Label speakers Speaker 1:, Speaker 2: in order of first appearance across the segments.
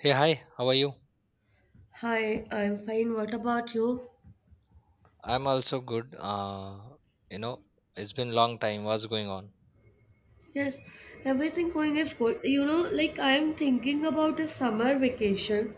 Speaker 1: Hey, hi, how are you?
Speaker 2: Hi, I'm fine. What about you?
Speaker 1: I'm also good. You know, it's been long time. What's going on?
Speaker 2: Yes, everything going is good. You know, like I'm thinking about a summer vacation.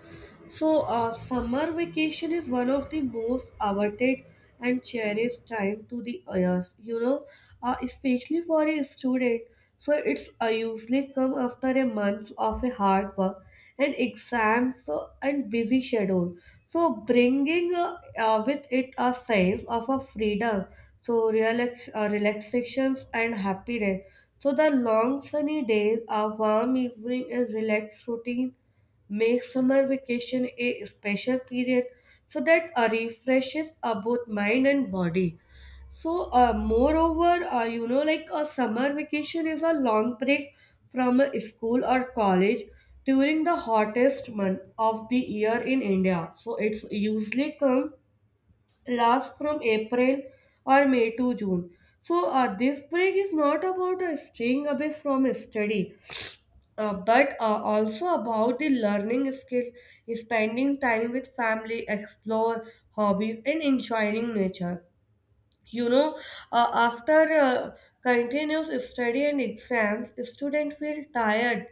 Speaker 2: So, summer vacation is one of the most awaited and cherished time to the years, you know, especially for a student. So, it's usually come after a month of a hard work and exams so and busy schedule. So, bringing with it a sense of a freedom, so relax, relaxations and happiness. So, the long sunny days, a warm evening, a relaxed routine make summer vacation a special period so that refreshes both mind and body. So, moreover, you know, like a summer vacation is a long break from a school or college during the hottest month of the year in India. So, it's usually come last from April or May to June. So, this break is not about staying away from study but also about the learning skills, spending time with family, explore hobbies, and enjoying nature, you know, after continuous study and exams, students feel tired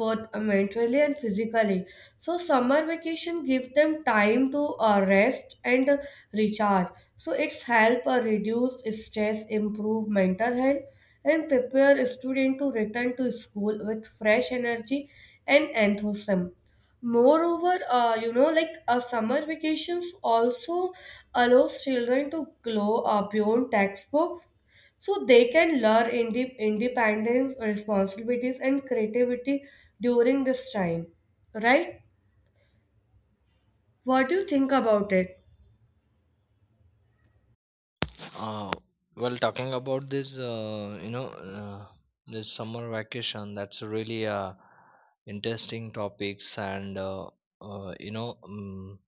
Speaker 2: both mentally and physically. So summer vacation give them time to rest and recharge. So it's help reduce stress, improve mental health, and prepare a student to return to school with fresh energy and enthusiasm. Moreover, you know, like summer vacations also allows children to grow beyond textbooks, so they can learn independence, responsibilities, and creativity during this time. Right? What do you think about it?
Speaker 1: Uh, well, talking about this, uh, this summer vacation, that's a really interesting topics, and uh, you know, um,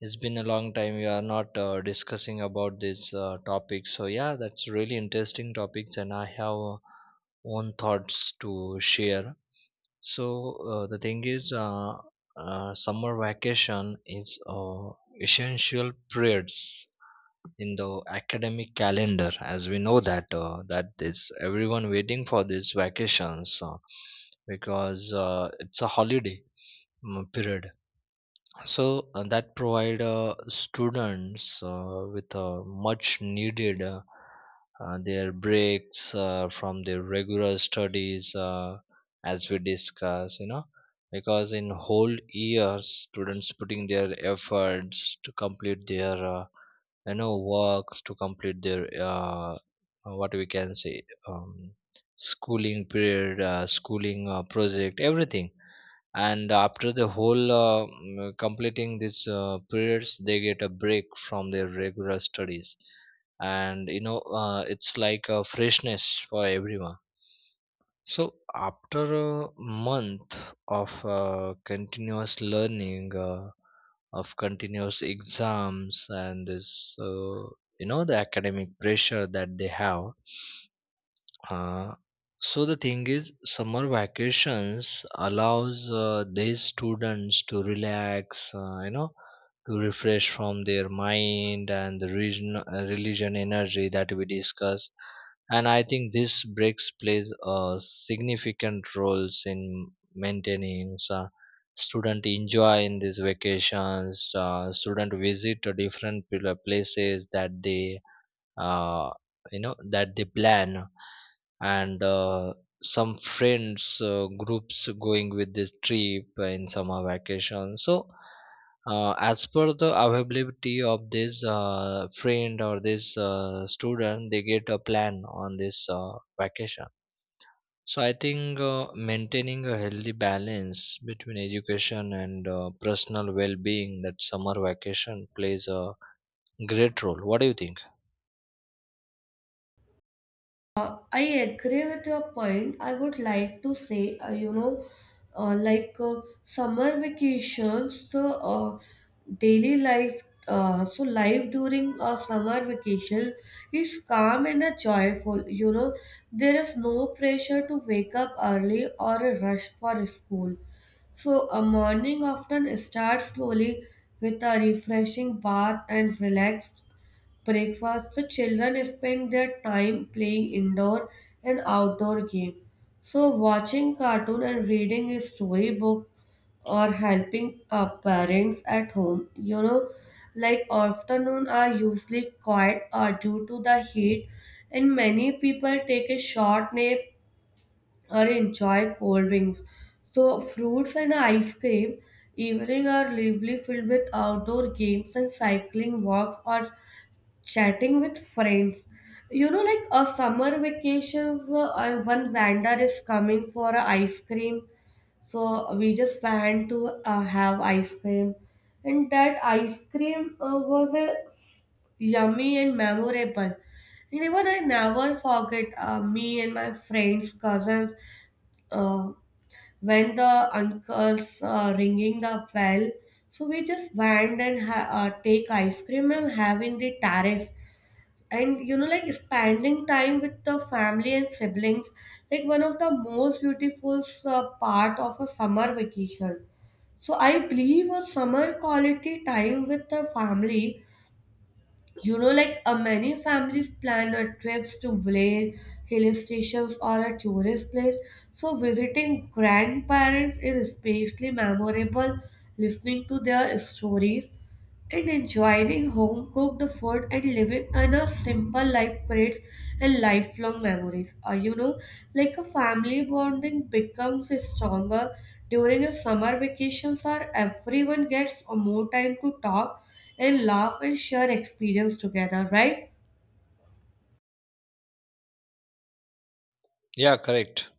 Speaker 1: it's been a long time we are not discussing about this topic. So yeah, that's really interesting topics, and I have own thoughts to share. The thing is, summer vacation is essential periods in the academic calendar, as we know that that is everyone waiting for these vacations because it's a holiday period, that provide students with a much needed their breaks from their regular studies, as we discuss, you know, because in whole years students putting their efforts to complete their you know works, to complete their what we can say, schooling period, schooling project, everything. And after the whole completing these periods, they get a break from their regular studies. And you know, it's like a freshness for everyone. So after a month of continuous learning of continuous exams and this you know, the academic pressure that they have. Uh, so the thing is, summer vacations allows these students to relax, to refresh from their mind and the religion energy that we discussed. And I think this breaks plays a significant roles in maintaining student enjoy in these vacations. Student visit to different places that uh, that they plan. And some friends groups going with this trip in summer vacation. So as per the availability of this friend or this student, they get a plan on this vacation. So I think maintaining a healthy balance between education and personal well-being, that summer vacation plays a great role. What do you think?
Speaker 2: I agree with your point. I would like to say, you know, like summer vacations, so daily life, so life during a summer vacation is calm and joyful. You know, there is no pressure to wake up early or a rush for school. So a morning often starts slowly with a refreshing bath and relaxed breakfast, the children spend their time playing indoor and outdoor games. So, watching cartoon and reading a storybook or helping parents at home, you know, like afternoon are usually quiet due to the heat, and many people take a short nap or enjoy cold drinks. So, fruits and ice cream. Evening are lively, filled with outdoor games and cycling walks or chatting with friends. You know, like a summer vacations, one vendor is coming for a ice cream, so we just went to have ice cream, and that ice cream was a yummy and memorable. And even I never forget me and my friends, cousins, uh, when the uncles ringing the bell. So we just went and take ice cream and have in the terrace. And you know, like spending time with the family and siblings, like one of the most beautiful part of a summer vacation. So I believe a summer quality time with the family. You know, like many families plan a trips to village, hill stations, or a tourist place. So visiting grandparents is especially memorable, listening to their stories and enjoying home cooked food and living in a simple life creates a lifelong memories. You know, like a family bonding becomes stronger during a summer vacations, or everyone gets more time to talk and laugh and share experience together, right?
Speaker 1: Yeah, correct.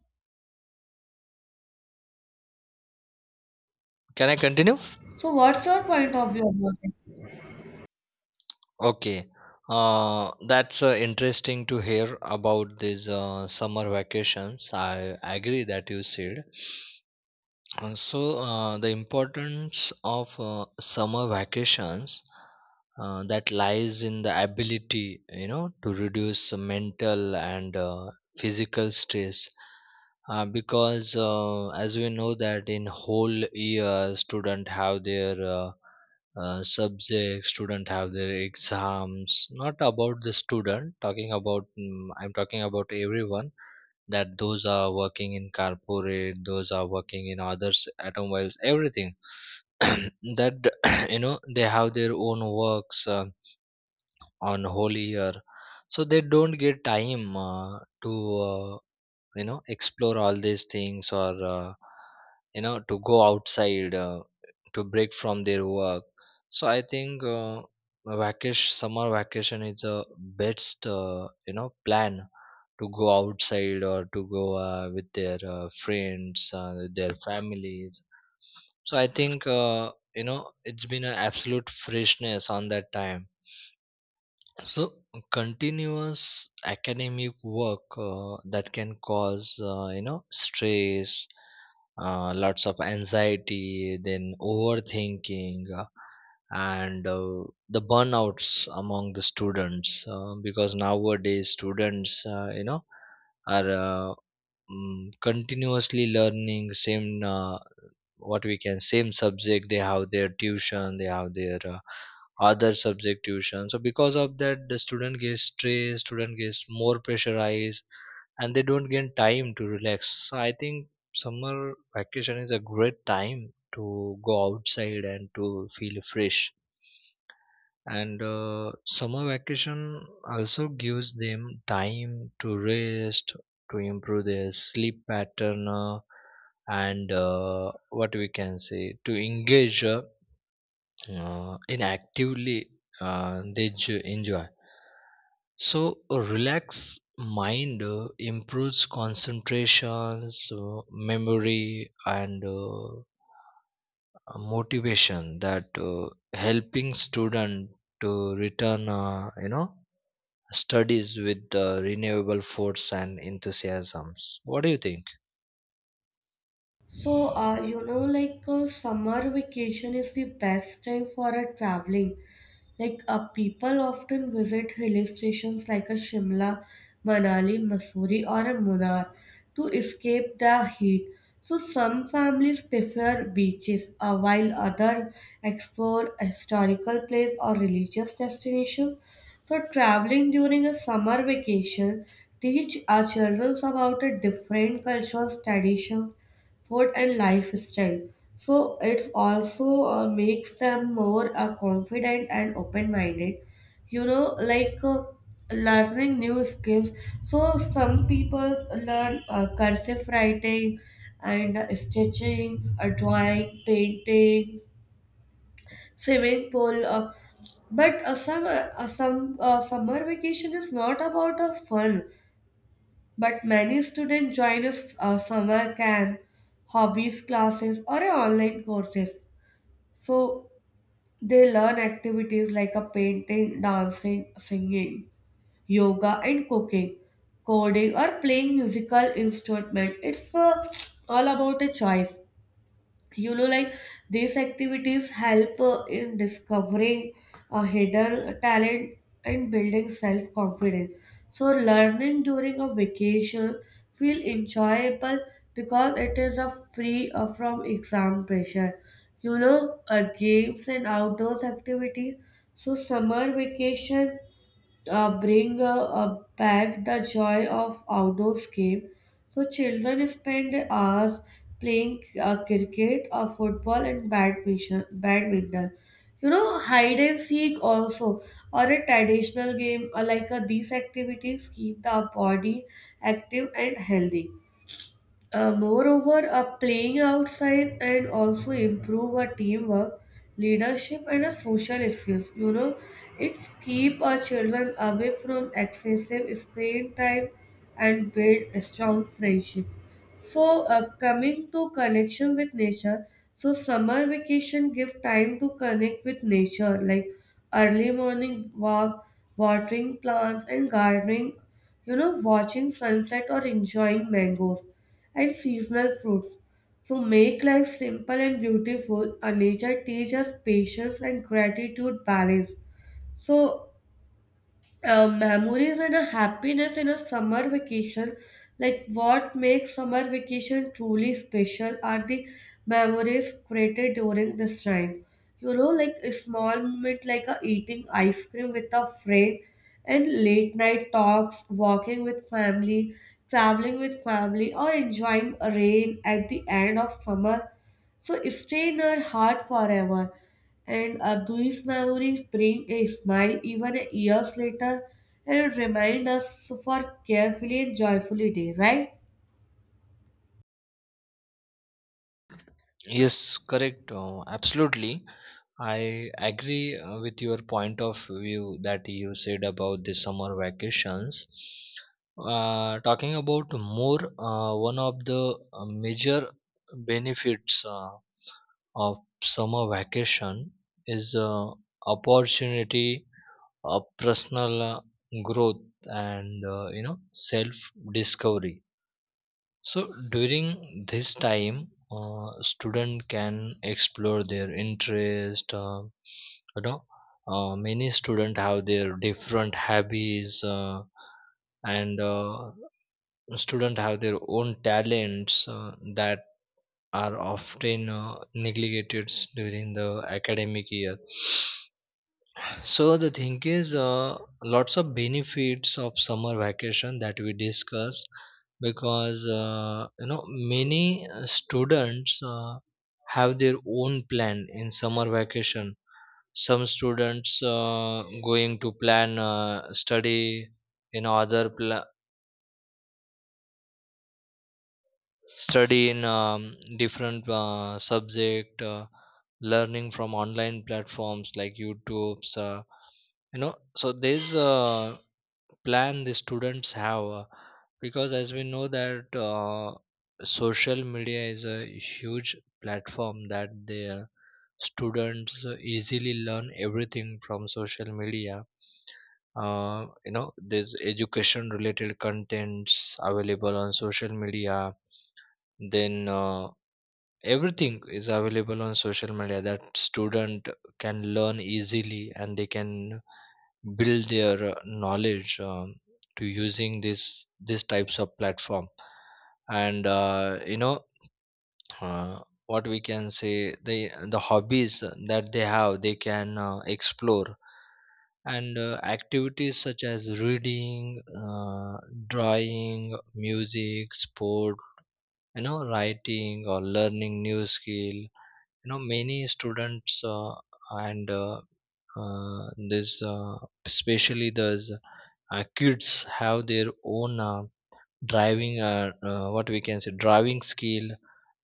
Speaker 1: Can I continue?
Speaker 2: So what's your point of view about it?
Speaker 1: Okay, that's interesting to hear about these summer vacations. I agree that you said. The importance of summer vacations that lies in the ability, you know, to reduce mental and physical stress, because as we know that in whole year student have their subjects, student have their exams. Not about the student, talking about, I'm talking about everyone, that those are working in corporate, those are working in others, automobiles, everything, that you know they have their own works on whole year. So they don't get time to uh, you know, explore all these things, or you know, to go outside, to break from their work. So I think a vacation, summer vacation, is the best, you know, plan to go outside or to go with their friends, with their families. So I think you know it's been an absolute freshness on that time. So, continuous academic work that can cause, stress, lots of anxiety, then overthinking, and the burnouts among the students. Because nowadays, students, are, uh, continuously learning same, what we can, same subject. They have their tuition, they have their other subject tuition. So because of that, the student gets stressed, student gets more pressurized, and they don't get time to relax. So I think summer vacation is a great time to go outside and to feel fresh. And summer vacation also gives them time to rest, to improve their sleep pattern, and what we can say, to engage, in actively they enjoy. So a relaxed mind improves concentration, so memory and motivation, that helping student to return, you know, studies with renewable force and enthusiasms. What do you think?
Speaker 2: So, you know, like summer vacation is the best time for a traveling. Like, people often visit hill stations like a Shimla, Manali, Missouri, or a Munnar to escape the heat. So, some families prefer beaches, while others explore historical place or religious destination. So, traveling during a summer vacation teach our children about a different cultures, traditions, food, and lifestyle. So it's also makes them more confident and open-minded. You know, like learning new skills. So some people learn cursive writing and stitching, drawing, painting, swimming pool. But summer, some Summer vacation is not about fun. But many students join a summer camp, hobbies classes, or a online courses. So they learn activities like a painting, dancing, singing, yoga, and cooking, coding, or playing musical instrument. It's all about a choice. You know, like these activities help in discovering a hidden talent and building self confidence. So learning during a vacation feel enjoyable because it is a free from exam pressure. You know, games and outdoors activities. So summer vacation bring back the joy of outdoors game. So children spend hours playing cricket, football, and badminton. You know, hide and seek also, or a traditional game like these activities keep the body active and healthy. Moreover, playing outside and also improve our teamwork, leadership, and our social skills. You know, it's keep our children away from excessive screen time and build a strong friendship. So, coming to connection with nature, so summer vacation give time to connect with nature, like early morning walk, watering plants, and gardening. You know, watching sunset or enjoying mangoes and seasonal fruits. So make life simple and beautiful. A nature teaches patience and gratitude balance. So memories and a happiness in a summer vacation, like what makes summer vacation truly special are the memories created during this time. You know, like a small moment like a eating ice cream with a friend and late night talks, walking with family, traveling with family, or enjoying rain at the end of summer, so it stay in our heart forever. And these memories bring a smile even years later and remind us for carefully and joyfully day, right?
Speaker 1: Yes, correct. Absolutely. I agree with your point of view that you said about the summer vacations. Talking about more, one of the major benefits of summer vacation is opportunity of personal growth and, you know, self discovery. So during this time, student can explore their interest. You know, Many student have their different hobbies, and student have their own talents that are often neglected during the academic year. So the thing is, lots of benefits of summer vacation that we discuss, because you know, many students have their own plan in summer vacation. Some students going to plan study in other study in, different subject, learning from online platforms like YouTube's. You know, so there's plan the students have. Because as we know that social media is a huge platform, that the students easily learn everything from social media. You know, there's education related contents available on social media. Then everything is available on social media, that student can learn easily, and they can build their knowledge, to using this these types of platform. And uh, you know uh, what we can say, the hobbies that they have, they can explore. And activities such as reading, drawing, music, sport, you know, writing, or learning new skill. You know, many students, and this especially the kids, have their own driving, what we can say, driving skill.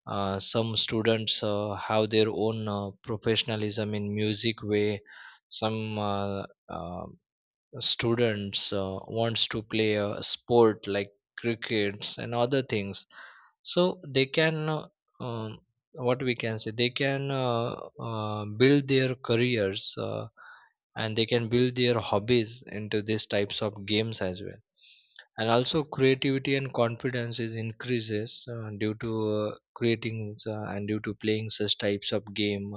Speaker 1: Some students have their own professionalism in music way. Some, uh, students wants to play a sport like crickets and other things. So they can, um, what we can say, they can build their careers, and they can build their hobbies into these types of games as well. And also creativity and confidence is increases due to creating and due to playing such types of game.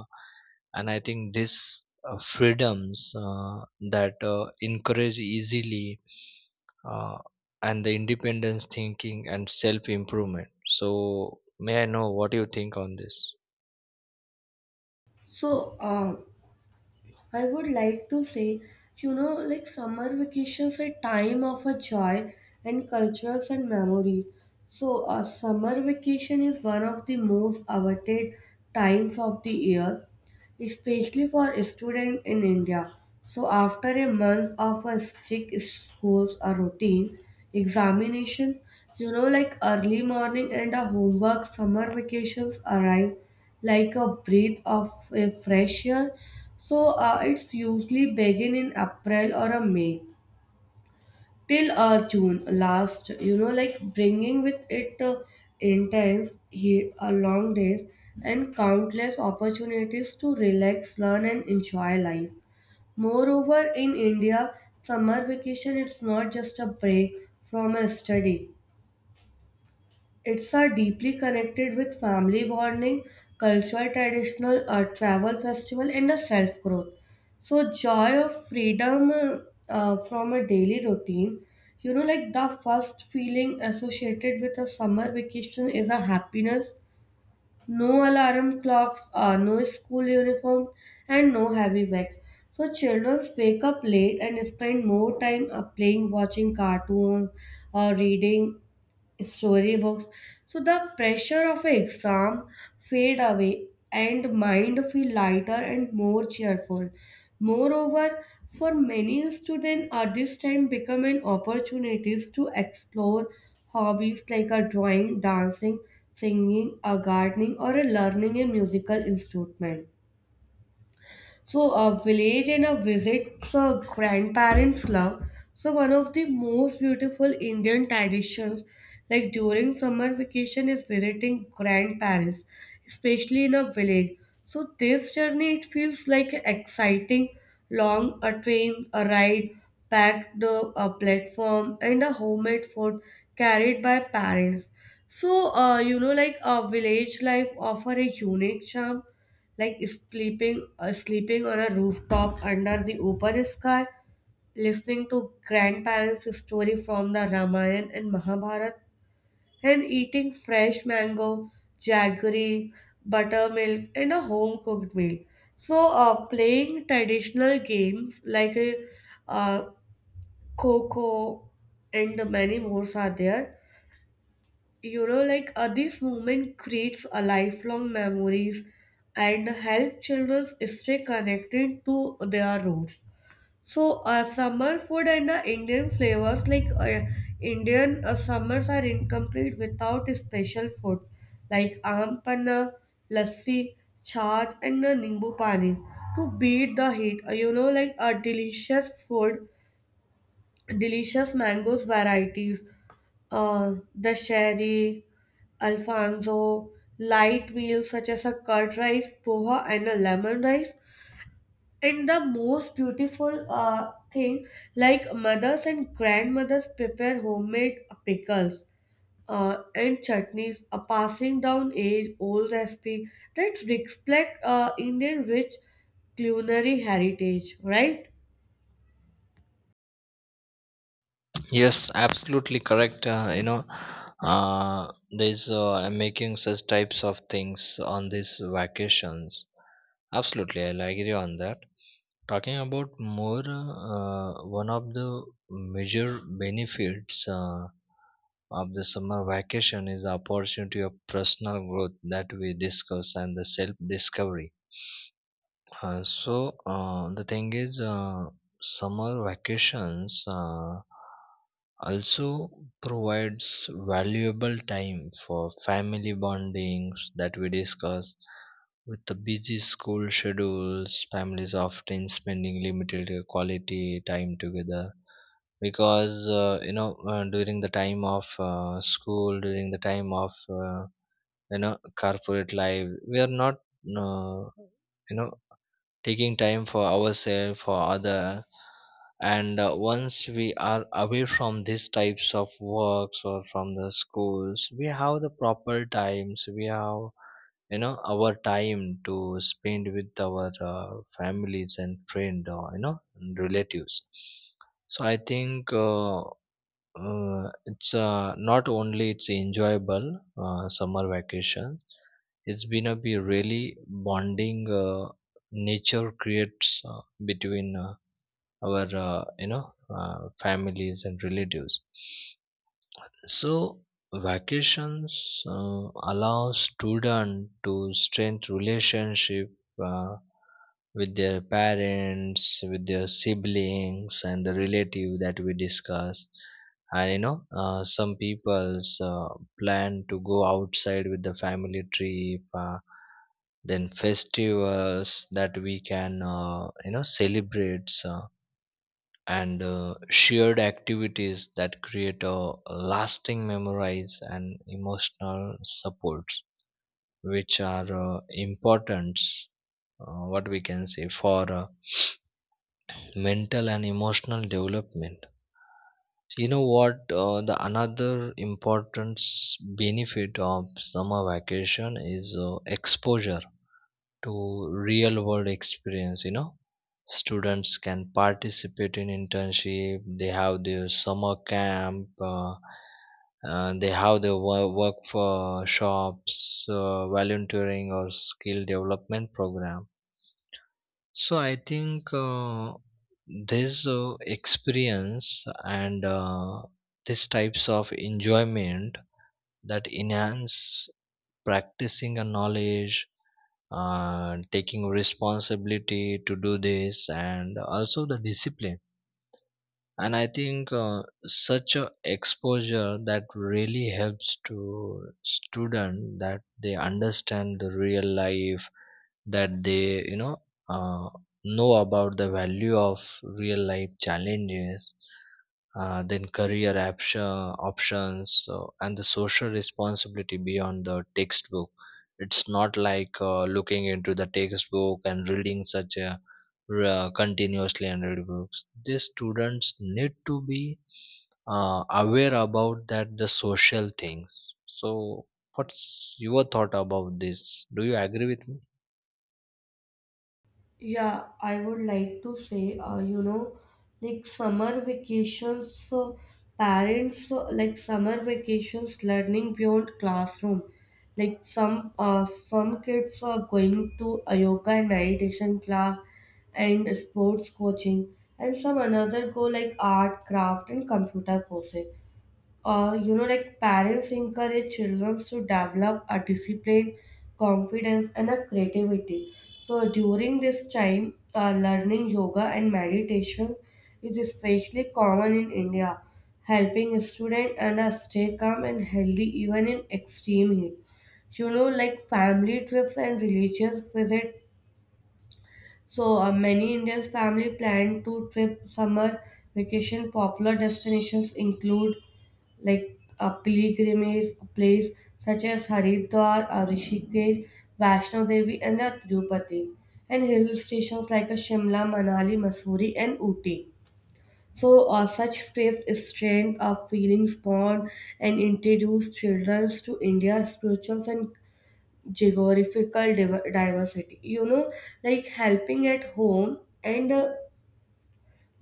Speaker 1: And I think this freedoms that encourage easily, uh, and the independence thinking and self improvement. So may I know what you think on this?
Speaker 2: So I would like to say, you know, like summer vacations a time of a joy and cultures and memory. So a summer vacation is one of the most awaited times of the year, especially for students in India. So, after a month of a strict schools a routine examination, you know, like early morning and a homework, summer vacations arrive like a breath of a fresh air. So, it's usually begin in April or a May till June last, you know, like bringing with it intense, long days, and countless opportunities to relax, learn, and enjoy life. Moreover, in India, summer vacation it's not just a break from a study. It's are deeply connected with family bonding, cultural traditional travel festival, and a self growth. So joy of freedom from a daily routine. You know, like the first feeling associated with a summer vacation is a happiness. No alarm clocks, no school uniform, and no heavy bags. So children wake up late and spend more time playing, watching cartoons, or reading storybooks. So the pressure of an exam fade away and mind feel lighter and more cheerful. Moreover, for many students at this time become an opportunities to explore hobbies like a drawing, dancing, singing, a gardening, or a learning a musical instrument. So, a village and a visit's a grandparents' love. So, one of the most beautiful Indian traditions, like during summer vacation, is visiting grandparents, especially in a village. So, this journey it feels like exciting, long a train, a ride, packed a platform, and a homemade food carried by parents. So, you know, like a village life offer a unique charm, like sleeping sleeping on a rooftop under the open sky, listening to grandparents story from the Ramayana and Mahabharata, and eating fresh mango, jaggery, buttermilk, and a home cooked meal. So playing traditional games like uh, kho, and many more are there. You know, like this moment creates a lifelong memories and help children stay connected to their roots. So summer food and Indian flavors, like Indian summers are incomplete without special food like aam panna, lassi, chaat, and nimbu pani to beat the heat. You know, like a delicious food, delicious mangoes varieties, the sherry, alfonso, light meals such as a curd rice, poha, and a lemon rice. And the most beautiful thing, like mothers and grandmothers prepare homemade pickles and chutneys, a passing down age-old recipe that reflect Indian rich culinary heritage, right?
Speaker 1: Yes, absolutely correct. You know, uh, there's I'm making such types of things on these vacations. Absolutely, I'll agree on that. Talking about more, one of the major benefits of the summer vacation is the opportunity of personal growth that we discuss, and the self-discovery. The thing is, summer vacations also provides valuable time for family bondings that we discuss. With the busy school schedules, families often spending limited quality time together, because you know, during the time of school, during the time of, you know, corporate life, we are not you know taking time for ourselves for other. And once we are away from these types of works or from the schools, we have the proper times, we have, you know, our time to spend with our families and friend, or you know, and relatives. So i think uh, uh, it's uh, not only it's enjoyable, summer vacations. It's been a be really bonding nature creates between our, you know, families and relatives. So vacations allow students to strengthen relationship uh, with their parents, with their siblings, and the relative that we discuss. And you know, some people's plan to go outside with the family trip. Then festivals that we can, you know, celebrate. And shared activities that create a lasting memories and emotional supports, which are important, what we can say, for mental and emotional development. You know what, the another important benefit of summer vacation is exposure to real world experience, you know. Students can participate in internship. They have their summer camp. They have their work, work for shops, volunteering, or skill development program. So I think this experience and, these types of enjoyment, that enhance practicing a knowledge, taking responsibility to do this, and also the discipline. And I think such a exposure that really helps to student, that they understand the real life, that they, you know, uh, know about the value of real life challenges, then career option, options, so, and the social responsibility beyond the textbook. It's not like looking into the textbook and reading such a, continuously, and read books. These students need to be aware about that the social things. So what's your thought about this? Do you agree with me?
Speaker 2: Yeah, I would like to say, you know, like summer vacations, parents like summer vacations learning beyond classroom. Like some kids are going to a yoga and meditation class and sports coaching, and some another go like art, craft, and computer courses. You know, like parents encourage children to develop a discipline, confidence, and a creativity. So during this time, learning yoga and meditation is especially common in India, helping students and stay calm and healthy even in extreme heat. You know, like family trips and religious visits. So many Indians family plan to trip summer vacation. Popular destinations include like a pilgrimage place such as Haridwar, Rishikesh, Vaishno Devi, and Tirupati, and hill stations like Shimla, Manali, Mussoorie, and Ooty. So such trips strength of feelings bond and introduce children to India's spirituals and geographical diversity. You know, like helping at home and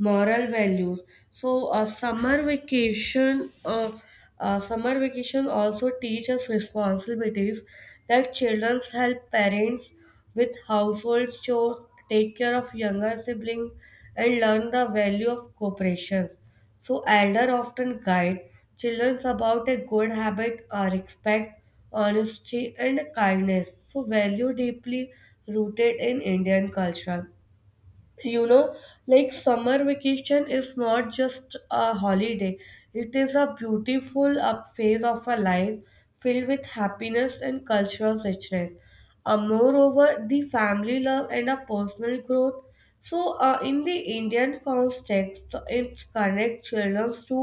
Speaker 2: moral values. So a summer vacation also teaches responsibilities, like children help parents with household chores, take care of younger siblings, and learn the value of cooperation. So elder often guide children about a good habit, respect, honesty, and kindness, so value deeply rooted in Indian culture. You know, like summer vacation is not just a holiday, it is a beautiful up phase of a life filled with happiness and cultural richness. Moreover, the family love and a personal growth. So in the Indian context, it connects children to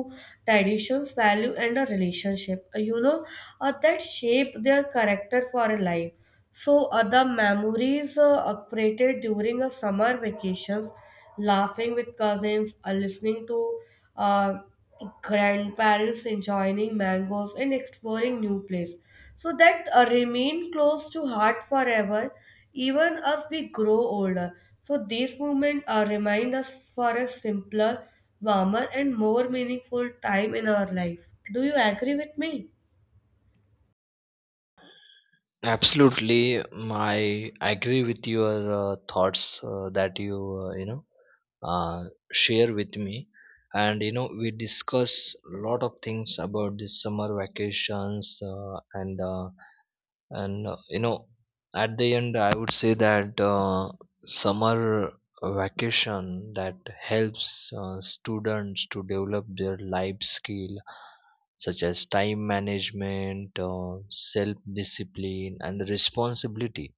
Speaker 2: traditions value and a relationship, that shape their character for a life. So, other memories created during a summer vacations, laughing with cousins, listening to uh, grandparents, enjoying mangoes, and exploring new place. So that remain close to heart forever, even as we grow older. So these moments remind us for a simpler, warmer, and more meaningful time in our lives. Do you agree with me?
Speaker 1: Absolutely, my I agree with your thoughts that you, you know, share with me, and you know, we discuss a lot of things about this summer vacations, and you know, at the end I would say that summer vacation that helps students to develop their life skill, such as time management, self discipline, and responsibility.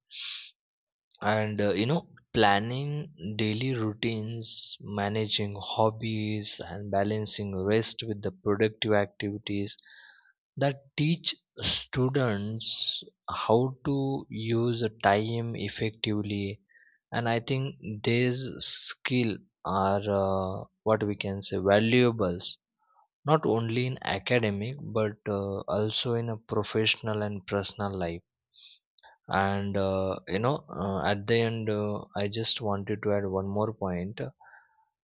Speaker 1: And you know, planning daily routines, managing hobbies, and balancing rest with the productive activities, that teach students how to use the time effectively. And I think these skill are, what we can say, valuables, not only in academic, but also in a professional and personal life. And at the end, I just wanted to add one more point.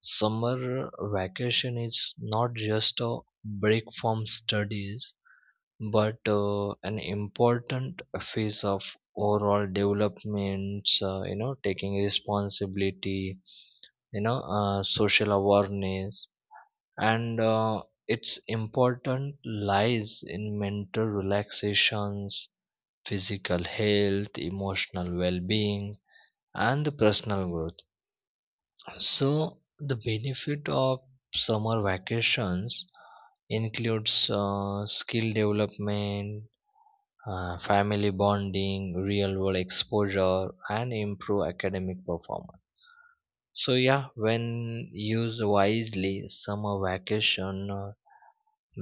Speaker 1: Summer vacation is not just a break from studies, but an important phase of overall developments. You know, taking responsibility, you know, social awareness, and its important lies in mental relaxations, physical health, emotional well-being, and the personal growth. So the benefit of summer vacations includes skill development, family bonding, real world exposure, and improve academic performance. So yeah, when used wisely, summer vacation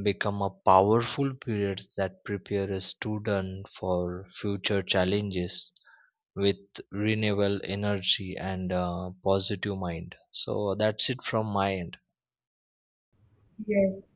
Speaker 1: become a powerful period that prepares a student for future challenges with renewable energy and a positive mind. So that's it from my end.
Speaker 2: Yes.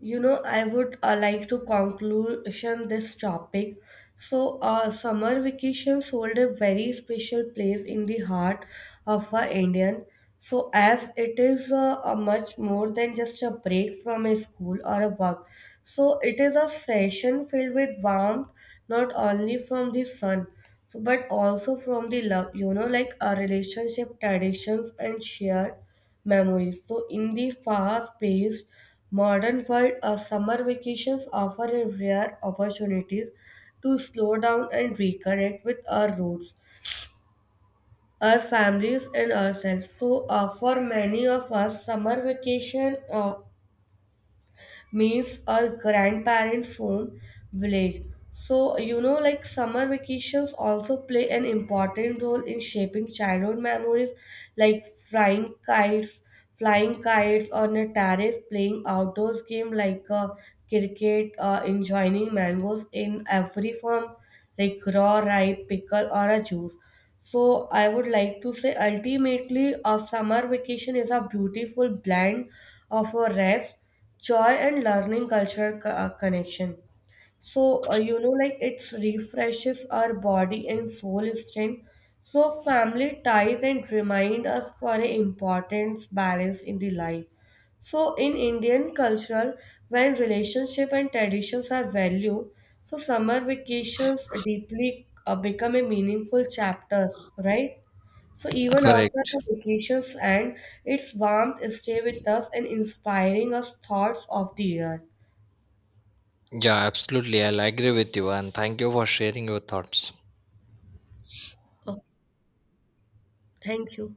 Speaker 2: You know, I would like to conclusion this topic. So, summer vacations hold a very special place in the heart of a Indian. So, as it is a much more than just a break from a school or a work. So, it is a session filled with warmth, not only from the sun, so, but also from the love. You know, like our relationship, traditions, and shared memories. So, in the fast paced modern world, summer vacations offer a rare opportunities to slow down and reconnect with our roots, our families, and ourselves. So, for many of us, summer vacation meets our grandparents' home village. So, you know, like summer vacations also play an important role in shaping childhood memories, like flying kites on a terrace, playing outdoors game like cricket, enjoying mangoes in every form, like raw, ripe, pickle, or a juice. So, I would like to say ultimately, a summer vacation is a beautiful blend of a rest, joy, and learning, cultural connection. So you know, like it refreshes our body and soul strength, so family ties, and remind us for the importance balance in the life. So in Indian culture, when relationship and traditions are valued, so summer vacations deeply become a meaningful chapters, right? So even after
Speaker 1: Correct.
Speaker 2: the vacations end, its warmth stay with us and inspiring us thoughts of the year.
Speaker 1: Yeah, absolutely. I'll agree with you, and thank you for sharing your thoughts.
Speaker 2: Okay, thank you.